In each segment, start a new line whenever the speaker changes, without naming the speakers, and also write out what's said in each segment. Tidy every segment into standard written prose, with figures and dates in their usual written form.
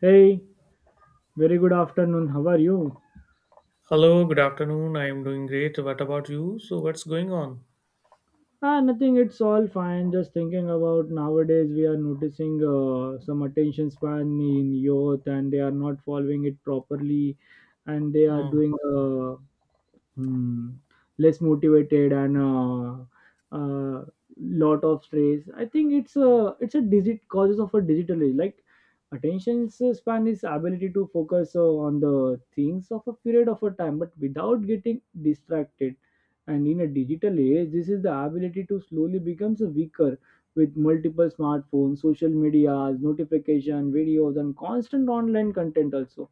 Hey, very good afternoon. How are you?
Hello, good afternoon. I am doing great. What about you? So, what's going on?
Ah, nothing. It's all fine. Just thinking about nowadays we are noticing some attention span in youth, and they are not following it properly, and they are
Hmm.
doing. Hmm. Less motivated and uh, lot of stress. I think it's a digit causes of a digital age. Like attention span is ability to focus on the things of a period of a time, but without getting distracted. And in a digital age, this is the ability to slowly becomes weaker with multiple smartphones, social media, notification, videos, and constant online content also,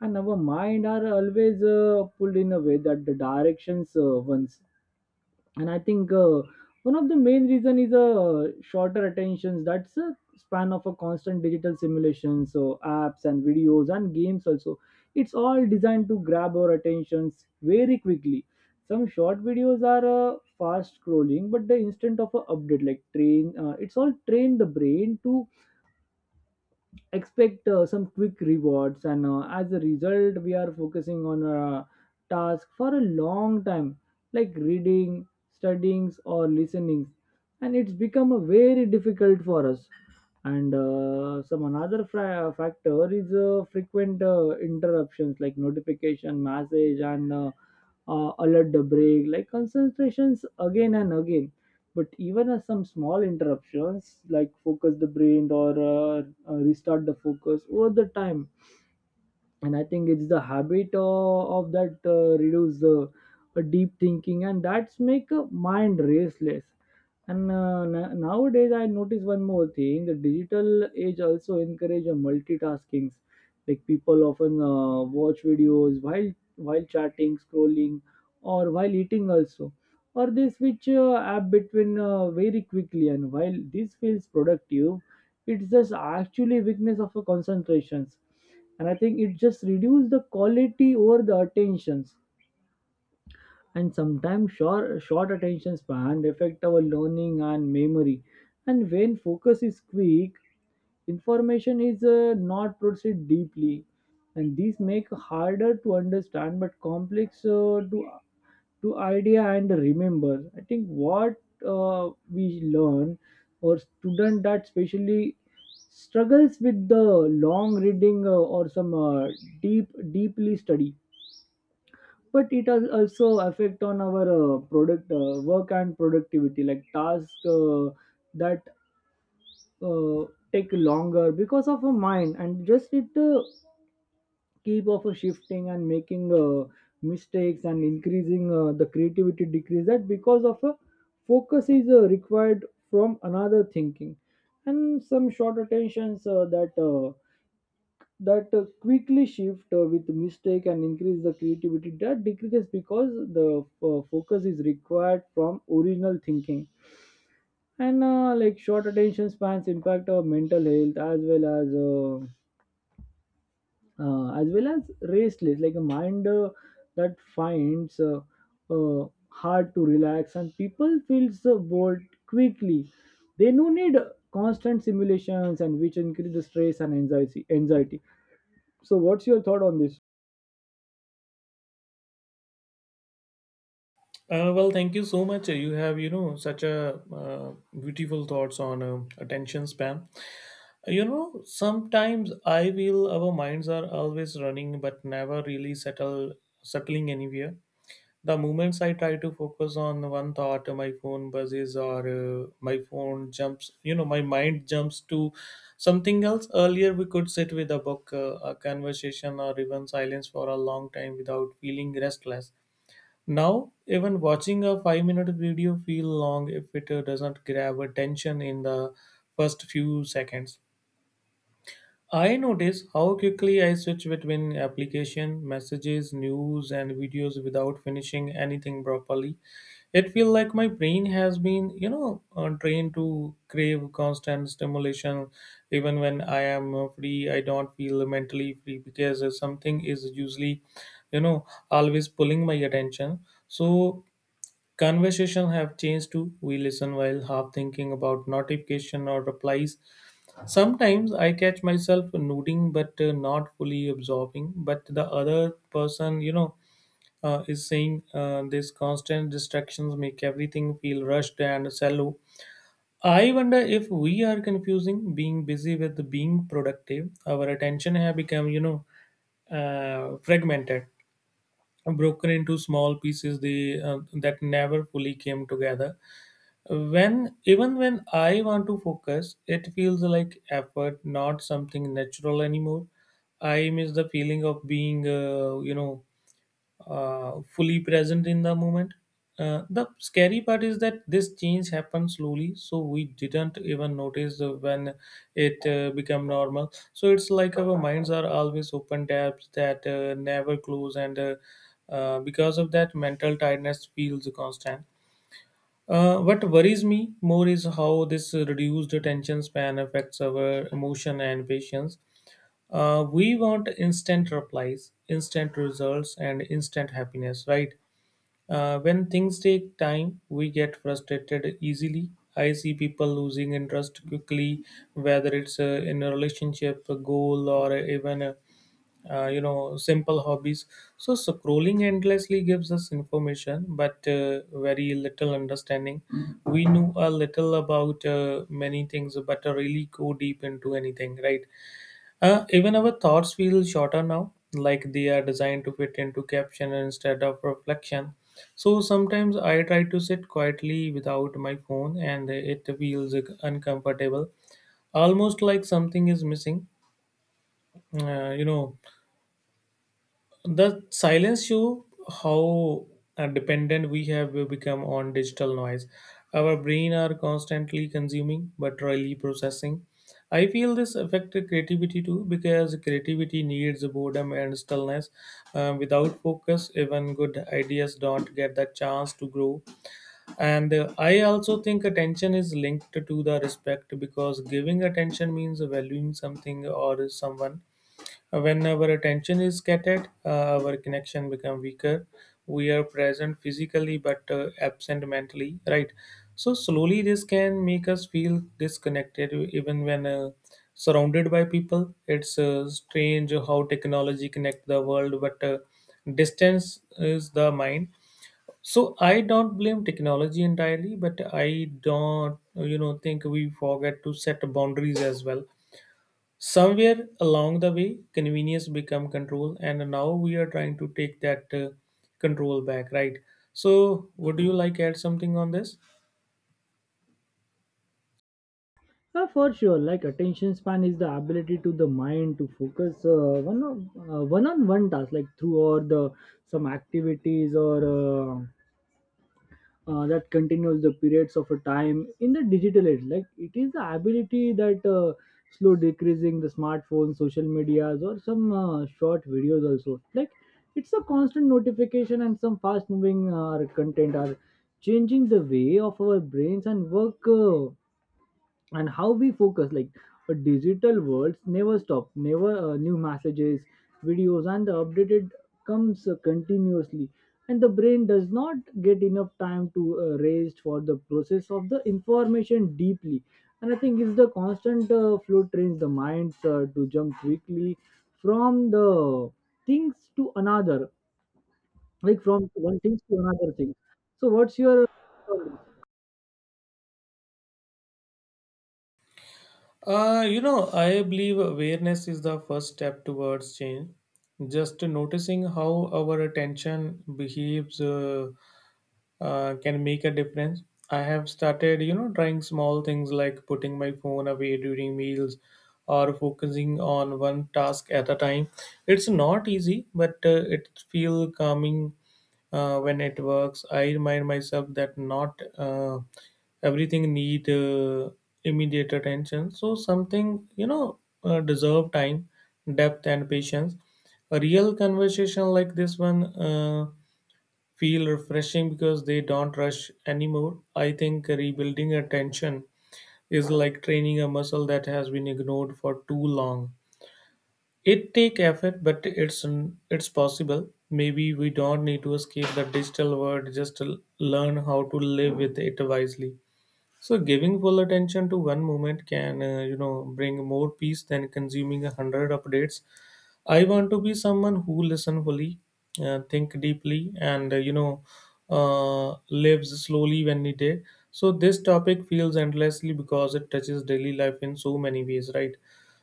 and our mind are always pulled in a way that the directions once, and I think one of the main reason is a shorter attentions that's a span of a constant digital simulation, so apps and videos and games also. It's all designed to grab our attentions very quickly. Some short videos are fast scrolling, but the instant of a update like train it's all train the brain to expect some quick rewards, and as a result we are focusing on a task for a long time, like reading, studyings, or listening, and it's become a very difficult for us. And some another factor is frequent interruptions like notification message, and alert the break like concentrations again and again. But even as some small interruptions like focus the brain or restart the focus over the time. And I think it's the habit of that reduce deep thinking, and that's make a mind restless. Nowadays I notice one more thing: the digital age also encourage a multitasking. Like people often watch videos while chatting, scrolling, or while eating also, or they switch app between very quickly, and while this feels productive, it's just actually weakness of a concentrations. And I think it just reduce the quality over the attentions. And sometimes short attention span affect our learning and memory. And when focus is quick, information is not processed deeply, and these make harder to understand but complex to idea and remember. I think what we learn, or student that especially struggles with the long reading, or some deeply study. But it has also affect on our product work and productivity, like task that uh, take longer because of a mind, and just it keep of shifting and making mistakes, and increasing the creativity decrease that because of focus is required from another thinking. And some short attentions that quickly shift with mistake and increase the creativity that decreases because the focus is required from original thinking. And like short attention spans impact our mental health as well as well as restless, like a mind that finds hard to relax, and people feels bored quickly. They no need constant simulations, and which increase the stress and anxiety. Anxiety. So, what's your thought on this?
Well, thank you so much. You have, you know, such a uh, beautiful thoughts on attention span. You know, sometimes I feel our minds are always running, but never really settle settling anywhere. The moments I try to focus on one thought, my phone buzzes or my phone jumps, you know, my mind jumps to something else. Earlier, we could sit with a book, a conversation, or even silence for a long time without feeling restless. Now, even watching a 5 minute video feel long if it doesn't grab attention in the first few seconds. I notice how quickly I switch between application, messages, news, and videos without finishing anything properly. It feels like my brain has been, you know, trained to crave constant stimulation. Even when I am free, I don't feel mentally free because something is usually, you know, always pulling my attention. So conversation have changed too. We listen while half thinking about notification or replies. Sometimes I catch myself nodding but not fully absorbing, but the other person, you know, is saying these constant distractions make everything feel rushed and shallow. I wonder if we are confusing being busy with being productive. Our attention have become, you know, fragmented, broken into small pieces that never fully came together. When even when I want to focus, it feels like effort, not something natural anymore. I miss the feeling of being, you know, fully present in the moment. The scary part is that this change happened slowly, so we didn't even notice when it became normal. So it's like our minds are always open tabs that never close, and because of that, mental tiredness feels constant. What worries me more is how this reduced attention span affects our emotion and patience. We want instant replies, instant results, and instant happiness, right? When things take time, we get frustrated easily. I see people losing interest quickly, whether it's in a relationship, a goal, or even a you know simple hobbies. So scrolling endlessly gives us information but very little understanding. We know a little about many things but really go deep into anything, right? Even our thoughts feel shorter now, like they are designed to fit into caption instead of reflection. So sometimes I try to sit quietly without my phone and it feels uncomfortable, almost like something is missing. You know. The silence show how dependent we have become on digital noise. Our brain are constantly consuming but rarely processing. I feel this affect creativity too because creativity needs boredom and stillness. Without focus, even good ideas don't get the chance to grow. And I also think attention is linked to the respect because giving attention means valuing something or someone. When our attention is scattered, our connection become weaker. We are present physically but absent mentally, right? So slowly this can make us feel disconnected even when surrounded by people. It's strange how technology connect the world, but distance is the mind. So I don't blame technology entirely, but I don't, you know, think we forget to set boundaries as well. Somewhere along the way, convenience become control, and now we are trying to take that control back, right? So, would you like add something on this?
For sure, like attention span is the ability to the mind to focus one on one task, like through or the some activities or. Uh, that continues the periods of a time in the digital age, like it is the ability that slow decreasing the smartphone social medias, or some short videos also. Like it's a constant notification and some fast moving content are changing the way of our brains and work, and how we focus. Like a digital worlds never stop, never new messages, videos, and the updated comes continuously, and the brain does not get enough time to rest for the process of the information deeply. And I think it's the constant flow trains the minds to jump quickly from the things to another, like from one thing to another thing. So what's your uh,
You know, I believe awareness is the first step towards change. Just noticing how our attention behaves. Can make a difference. I have started, you know, trying small things like putting my phone away during meals or focusing on one task at a time. It's not easy, but it feels calming when it works. I remind myself that not everything need immediate attention. So something, you know, deserve time, depth, and patience. A real conversation like this one. Feel refreshing because they don't rush anymore. I think rebuilding attention is like training a muscle that has been ignored for too long. It take effort, but it's possible. Maybe we don't need to escape the digital world, just to learn how to live with it wisely. So giving full attention to one moment can, you know, bring more peace than consuming 100 updates. I want to be someone who listen fully, think deeply, and you know, lives slowly when needed. So this topic feels endlessly because it touches daily life in so many ways, right?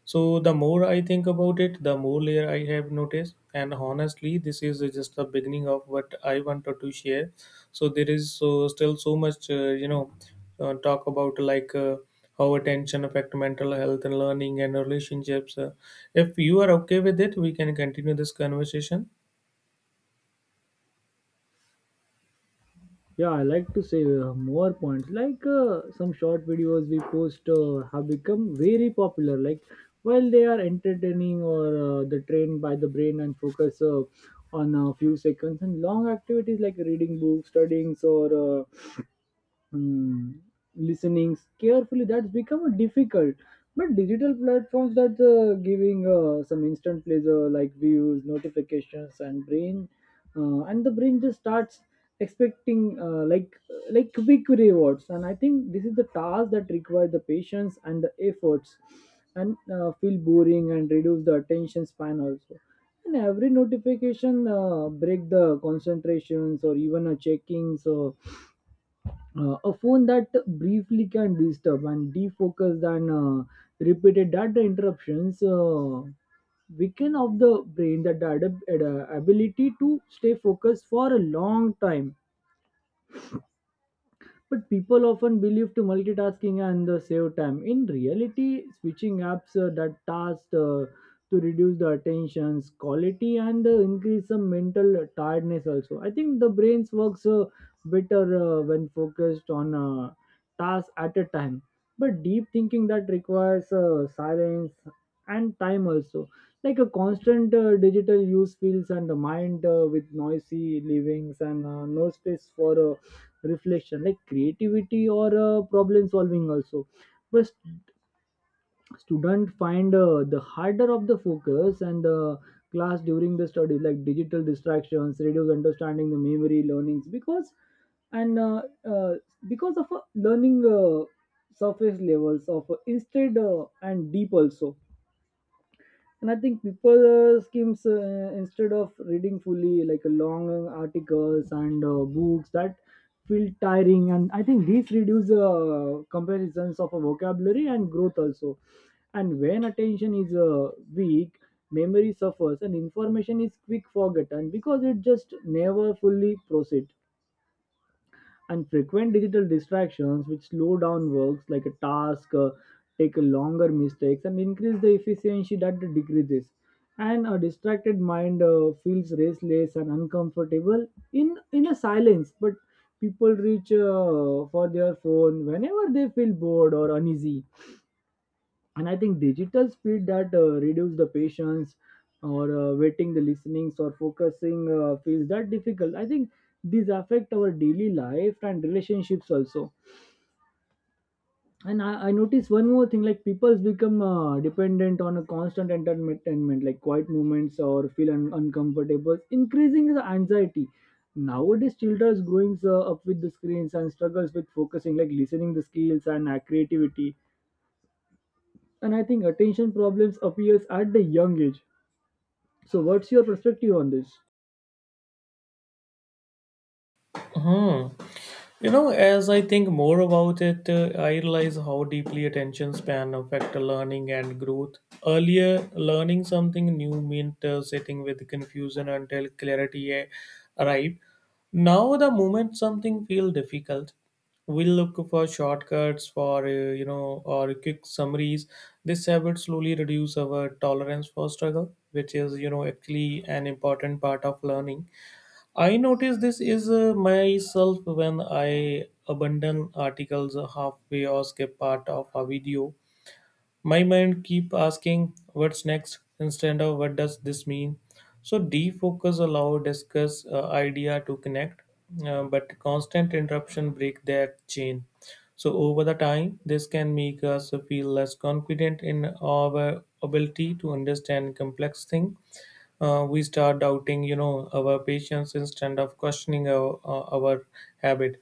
So the more I think about it, the more layer I have noticed, and honestly, this is just the beginning of what I wanted to share. So there is so still so much you know talk about, like how attention affect mental health and learning and relationships. If you are okay with it, we can continue this conversation.
yeah, I like to say more points, like some short videos we post have become very popular. Like while they are entertaining, or the train by the brain and focus on a few seconds, and long activities like reading books, studying, or mm, listening carefully, that's become difficult. But digital platforms that's giving some instant pleasure like views, notifications, and brain and the brain just starts expecting like quick rewards. And I think this is the task that requires the patience and the efforts, and feel boring and reduce the attention span also. And every notification break the concentrations, or even a checking. So a phone that briefly can disturb and defocus, and repeated data interruptions weaken of the brain that the ability to stay focused for a long time. But people often believe to multitasking and save time. In reality, switching apps, that task to reduce the attention's quality and increase some mental tiredness also. I think the brains works better when focused on task at a time. But deep thinking that requires silence and time also. Like a constant digital use fills and the mind with noisy livings, and no space for reflection like creativity or problem solving also. But student find the harder of the focus and class during the study. Like digital distractions reduce understanding the memory learnings, and uh, uh, because of learning surface levels of, instead and deep also. And I think people schemes instead of reading fully, like a long articles and books that feel tiring, and I think these reduce comparisons of a vocabulary and growth also. And when attention is weak, memory suffers and information is quick forgotten because it just never fully processed. And frequent digital distractions which slow down works, like a task take a longer, mistakes, and increase the efficiency that it decreases. And a distracted mind feels restless and uncomfortable in a silence. But people reach for their phone whenever they feel bored or uneasy. And I think digital speed that reduce the patience, or waiting the listenings or focusing feels that difficult. I think these affect our daily life and relationships also. And I notice one more thing, like people's become dependent on a constant entertainment, like quiet moments or feel uncomfortable, increasing the anxiety. Nowadays children's growing up with the screens and struggles with focusing, like listening the skills and creativity. And I think attention problems appears at the young age. So what's your perspective on this?
Hmm. You know, as I think more about it, I realize how deeply attention span affect learning and growth. Earlier, learning something new meant sitting with confusion until clarity arrived. Now, the moment something feels difficult, we look for shortcuts, for you know, or quick summaries. This habit slowly reduce our tolerance for struggle, which is you know actually an important part of learning. I notice this is myself when I abandon articles halfway or skip part of a video. My mind keep asking what's next instead of what does this mean. So defocus allow discuss idea to connect, but constant interruption break that chain. So over the time, this can make us feel less confident in our ability to understand complex thing. We start doubting, you know, our patience instead of questioning our habit.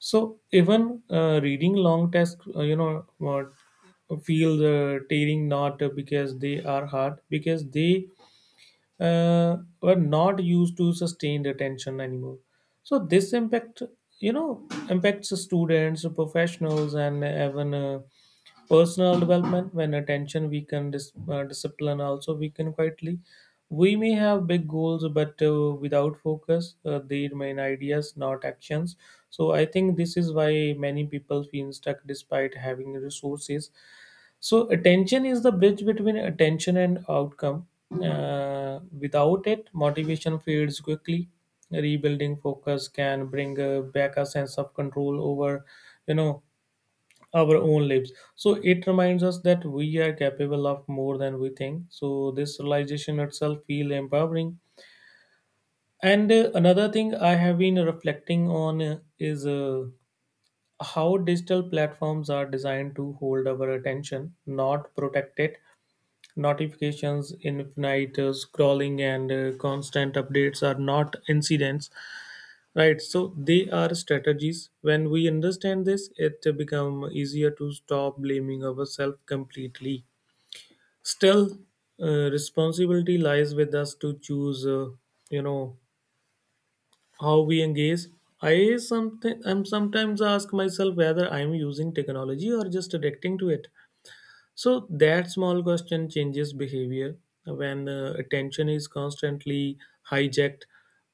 So even reading long text you know feel the tearing, not because they are hard, because they were not used to sustain the tension anymore. So this impact, you know, impacts the students, the professionals, and even personal development. When attention weaken, discipline also weaken quietly. We may have big goals but without focus they remain ideas, not actions. So I think this is why many people feel stuck despite having resources. So, attention is the bridge between attention and outcome. Without it, motivation fades quickly. Rebuilding focus can bring back a sense of control over, you know, our own lives. So it reminds us that we are capable of more than we think. So this realization itself feel empowering. And another thing I have been reflecting on is how digital platforms are designed to hold our attention, not protect it. Notifications, infinite scrolling, and constant updates are not incidents, right? So they are strategies. When we understand this, it become easier to stop blaming ourselves completely. Still, responsibility lies with us to choose. You know how we engage. I something I'm sometimes ask myself whether I'm using technology or just addicting to it. So that small question changes behavior when attention is constantly hijacked.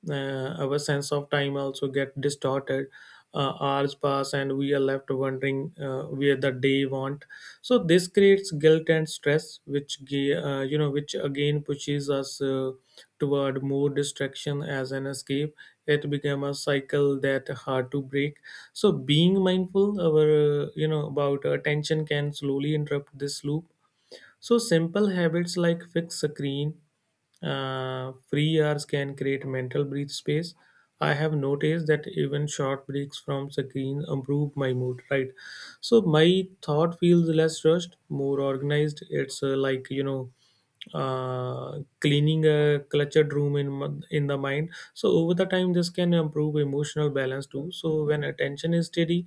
Our sense of time also get distorted. Hours pass and we are left wondering where the day went. So this creates guilt and stress, which you know, which again pushes us toward more distraction as an escape. It became a cycle that hard to break. So being mindful our you know about attention can slowly interrupt this loop. So simple habits like fixed screen free hours can create mental breathe space. I have noticed that even short breaks from screen improve my mood, right? So my thought feels less rushed, more organized. It's like you know cleaning a cluttered room in the mind. So over the time this can improve emotional balance too. So when attention is steady,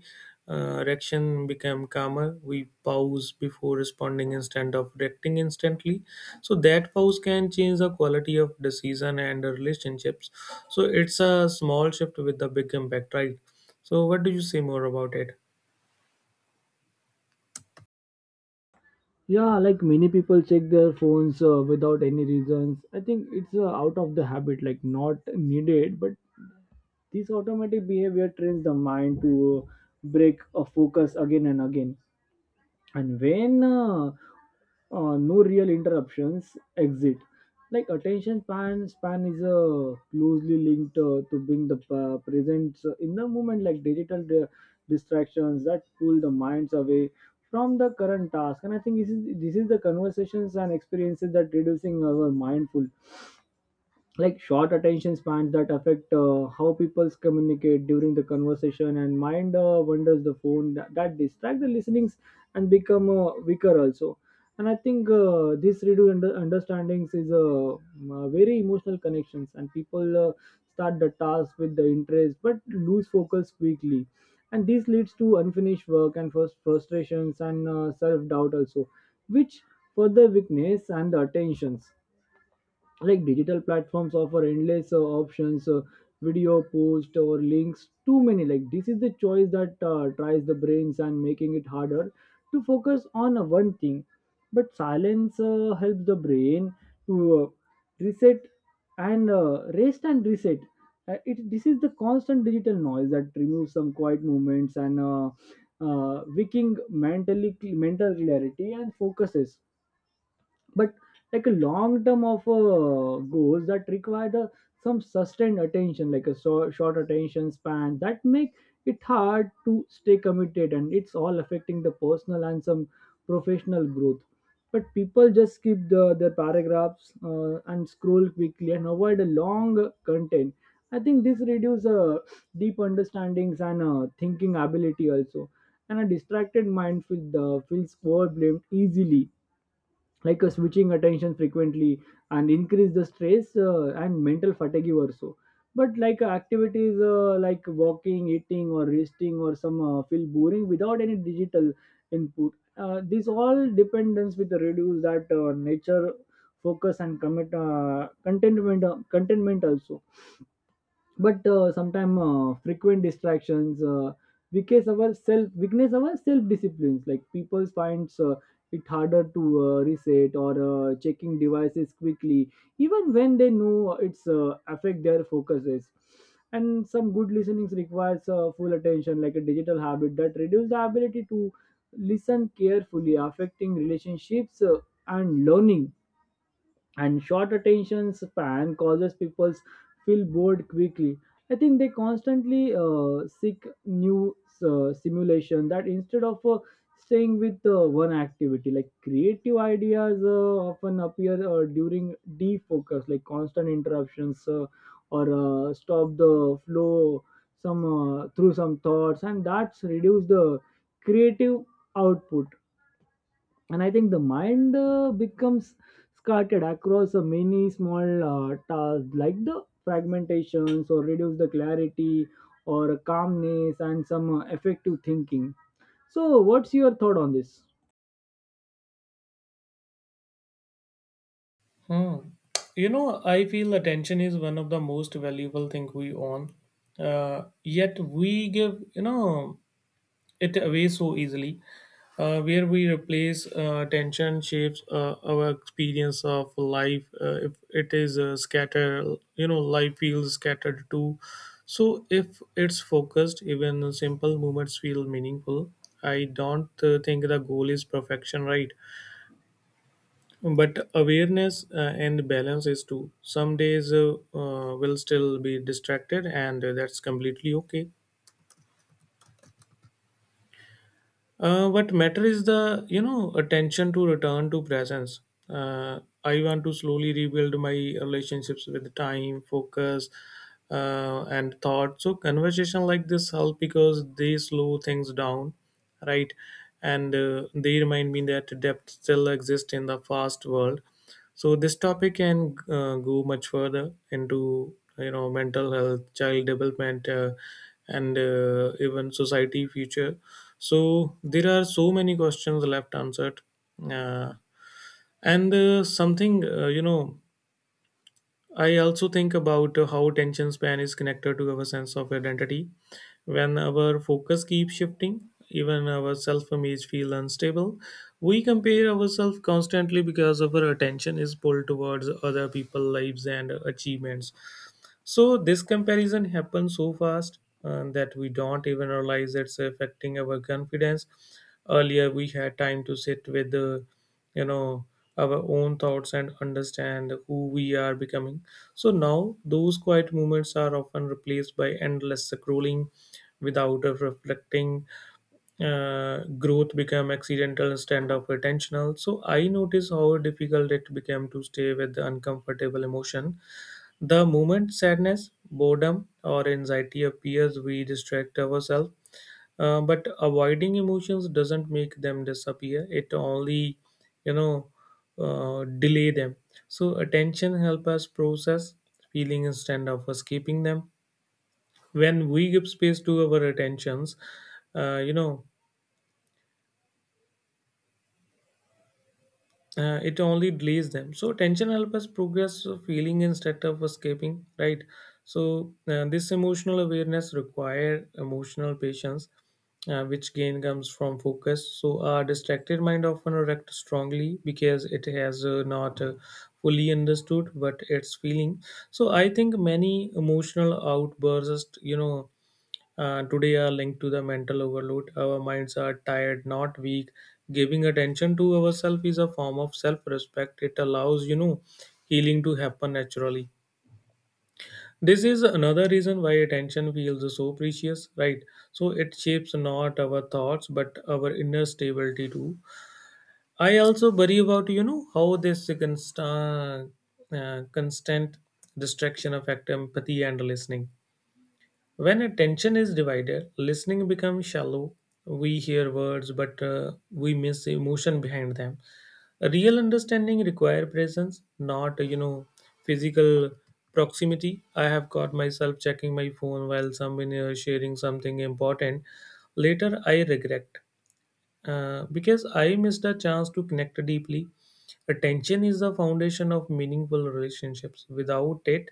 reaction become calmer. We pause before responding instead of reacting instantly. So that pause can change the quality of decision and the relationships. So it's a small shift with the big impact, right? So what do you say more about it?
Yeah, like many people check their phones without any reasons. I think it's out of the habit, like not needed. But this automatic behavior trains the mind to break a focus again and again. And when no real interruptions exit, like attention span is closely linked to being the present in the moment. Like digital distractions that pull the minds away from the current task, and I think this is the conversations and experiences that reducing our mindful. Like short attention spans that affect how people communicate during the conversation, and mind wanders the phone that distract the listenings and become weaker also. And I think this redo understandings is a very emotional connections, and people start the task with the interest but lose focus quickly. And this leads to unfinished work and first frustrations and self doubt also, which further weakness and the attentions. Like digital platforms offer endless options, video post or links too many, like this is the choice that tries the brains and making it harder to focus on one thing. But silence helps the brain to reset and rest and reset. It This is the constant digital noise that removes some quiet movements, and waking mentally, mental clarity and focuses. But like a long term of goals that require the some sustained attention, like a so, short attention span that make it hard to stay committed, and it's all affecting the personal and some professional growth. But people just skip their paragraphs and scroll quickly and avoid a long content. I think this reduces deep understandings and thinking ability also. And a distracted mind feels overwhelmed easily, like switching attention frequently and increase the stress and mental fatigue also. But like activities like walking, eating, or resting, or some feel boring without any digital Input, these all dependence with the reduce that nature focus and commit contentment contentment also. But sometimes frequent distractions weakness our self, weakness our self disciplines, like people finds it harder to reset or checking devices quickly, even when they know it's affect their focuses. And some good listening requires full attention, like a digital habit that reduces the ability to listen carefully, affecting relationships and learning. And short attention span causes people feel bored quickly. I think they constantly seek new simulation that, instead of staying with one activity, like creative ideas often appear during defocus, like constant interruptions or stop the flow, some through some thoughts, and that's reduce the creative output. And I think the mind becomes scattered across many small tasks, like the fragmentations or reduce the clarity or calmness and some effective thinking. So what's your thought on this?
Hmm. You know, I feel attention is one of the most valuable thing we own. Yet we give you know it away so easily. Where we replace attention shapes our experience of life. If it is scattered, you know, life feels scattered too. So if it's focused, even simple movements feel meaningful. I don't think the goal is perfection, right? But awareness and balance is too. Some days will still be distracted, and that's completely okay. What matter is the attention to return to presence. I want to slowly rebuild my relationships with time, focus, and thought. So conversation like this help because they slow things down, right? And they remind me that depth still exists in the fast world. So this topic can go much further into mental health, child development, and even society future. So there are so many questions left unanswered, uh, and something you know I also think about how attention span is connected to our sense of identity. When our focus keeps shifting, even our self image feels unstable. We compare ourselves constantly because our attention is pulled towards other people's lives and achievements. So this comparison happens so fast that we don't even realize it's affecting our confidence. Earlier, we had time to sit with you know, our own thoughts and understand who we are becoming. So now, those quiet moments are often replaced by endless scrolling without a reflecting. Growth become accidental instead of intentional. So I notice how difficult it became to stay with the uncomfortable emotion. The moment sadness, boredom, or anxiety appears, we distract ourselves. But avoiding emotions doesn't make them disappear. It only, you know, delay them. So attention helps us process feeling instead of escaping them. When we give space to our attentions, uh, you know, it only delays them. So tension helps us progress feeling instead of escaping, right? So this emotional awareness require emotional patience, which gain comes from focus. So our distracted mind often reacts strongly because it has not fully understood what it's feeling. So I think many emotional outbursts today are linked to the mental overload. Our minds are tired, not weak. Giving attention to ourselves is a form of self-respect. It allows healing to happen naturally. This is another reason why attention feels so precious, right? So it shapes not our thoughts but our inner stability too. I also worry about how this constant distraction affect empathy and listening. When attention is divided, listening becomes shallow. We hear words, but we miss emotion behind them. A real understanding require presence, not physical proximity. I have caught myself checking my phone while someone is sharing something important. Later, I regret. Because I missed a chance to connect deeply. Attention is the foundation of meaningful relationships. Without it,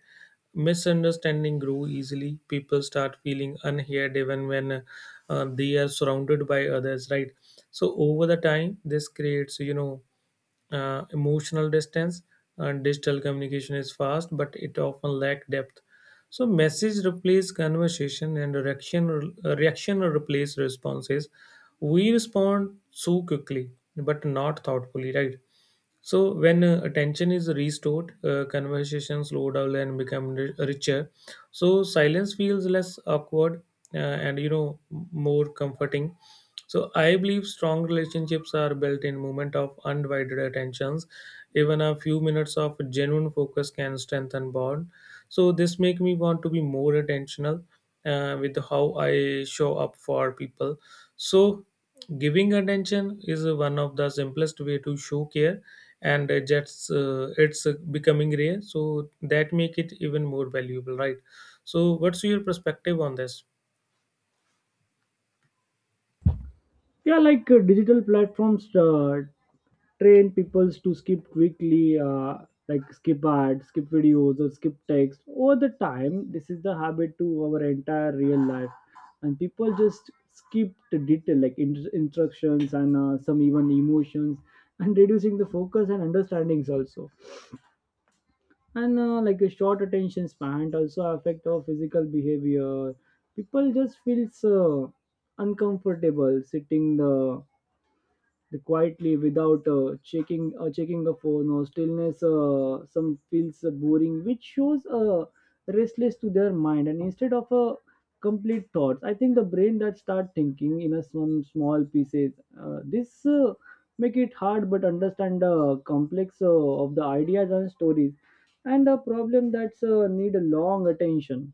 misunderstanding grow easily. People start feeling unheard even when they are surrounded by others, right? So over the time, this creates, emotional distance. And digital communication is fast, but it often lack depth. So message replace conversation, and reaction replace responses. We respond so quickly but not thoughtfully, right? So when attention is restored, conversation slow down and become richer. So silence feels less awkward and more comforting. So I believe strong relationships are built in moment of undivided attentions. Even a few minutes of genuine focus can strengthen bond. So this make me want to be more attentional with how I show up for people. So giving attention is one of the simplest way to show care, and just it's becoming rare, so that make it even more valuable, right? So, what's your perspective on this?
Yeah, like digital platforms train peoples to skip quickly, like skip ads, skip videos, or skip text. Over the time, this is the habit to our entire real life, and people just skip the detail, like instructions and some even emotions, and reducing the focus and understandings also. And like a short attention span also affect our physical behavior. People just feels uncomfortable sitting the quietly without checking a phone or stillness, some feels boring, which shows restless to their mind. And instead of a complete thoughts, I think the brain that start thinking in a some small pieces. This make it hard but understand the complex of the ideas and stories and a problem that's need a long attention.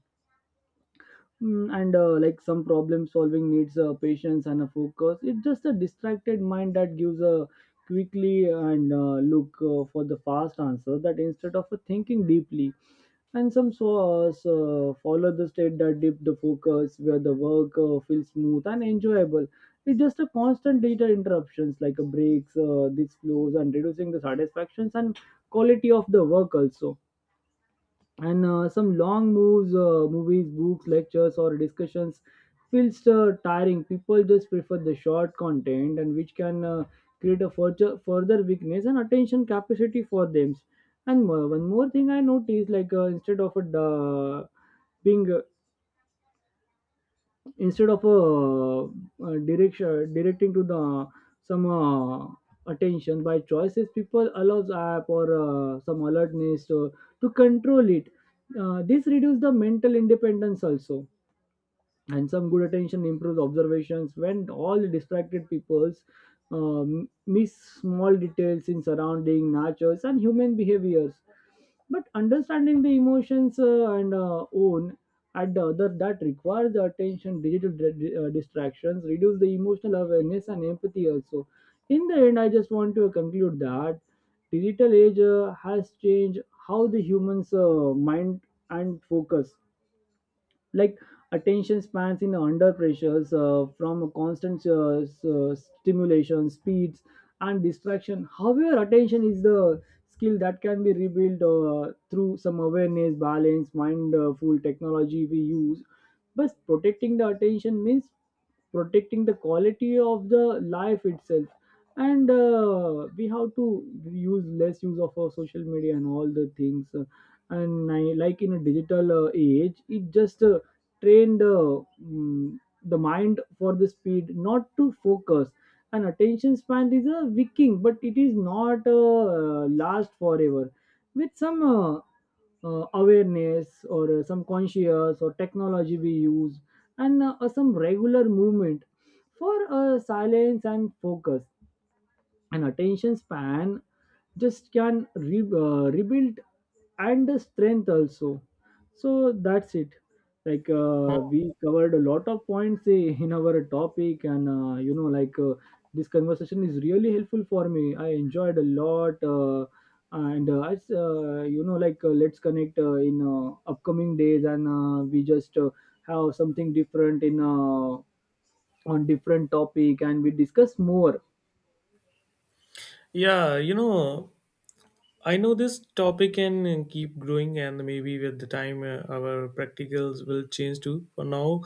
Mm, and like some problem solving needs patience and a focus. It's just a distracted mind that gives a quickly and look for the fast answer, that instead of thinking deeply. And some so, so follow the state that dip the focus, where the work feels smooth and enjoyable. It's just a constant data interruptions, like a breaks these flows, and reducing the satisfactions and quality of the work also. And some long moves, movies, books, lectures, or discussions feels tiring. People just prefer the short content, and which can create a further weakness and attention capacity for them. And one more thing I noticed, like instead of a being instead of directing to the some attention by choices, people allows app or some alertness to control it. This reduces the mental independence also. And some good attention improves observations, when all the distracted peoples miss small details in surrounding natures and human behaviors. But understanding the emotions and own at the other, that requires the attention. Digital distractions reduce the emotional awareness and empathy also. In the end, I just want to conclude that digital age has changed how the humans mind and focus, like attention spans in under pressures from constant stimulation, speeds, and distraction. However, attention is the skill that can be rebuilt through some awareness, balance, mindful technology we use. But protecting the attention means protecting the quality of the life itself. And we have to use less use of our social media and all the things, and I, like in a digital age, it just train the the mind for the speed, not to focus. And attention span is a wicking, but it is not last forever. With some awareness or some conscious or technology we use, and some regular movement for silence and focus, an attention span just can rebuild and the strength also. So that's it. Like
Hmm.
we covered a lot of points, eh, in our topic, and this conversation is really helpful for me. I enjoyed a lot, and I s- you know like let's connect in upcoming days, and we just have something different in on different topic, and we discuss more.
Yeah, you know, I know this topic can keep growing, and maybe with the time our practicals will change too. For now,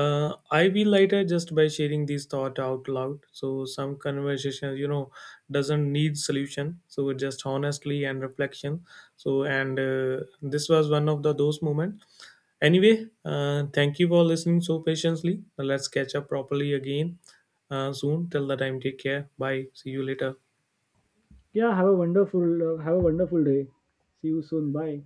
I feel lighter just by sharing these thought out loud. So some conversations, you know, doesn't need solution. So just honestly and reflection. So and this was one of the those moments. Anyway, thank you for listening so patiently. Let's catch up properly again soon. Till the time, take care. Bye. See you later.
Yeah, have a wonderful have a wonderful day. See you soon. Bye.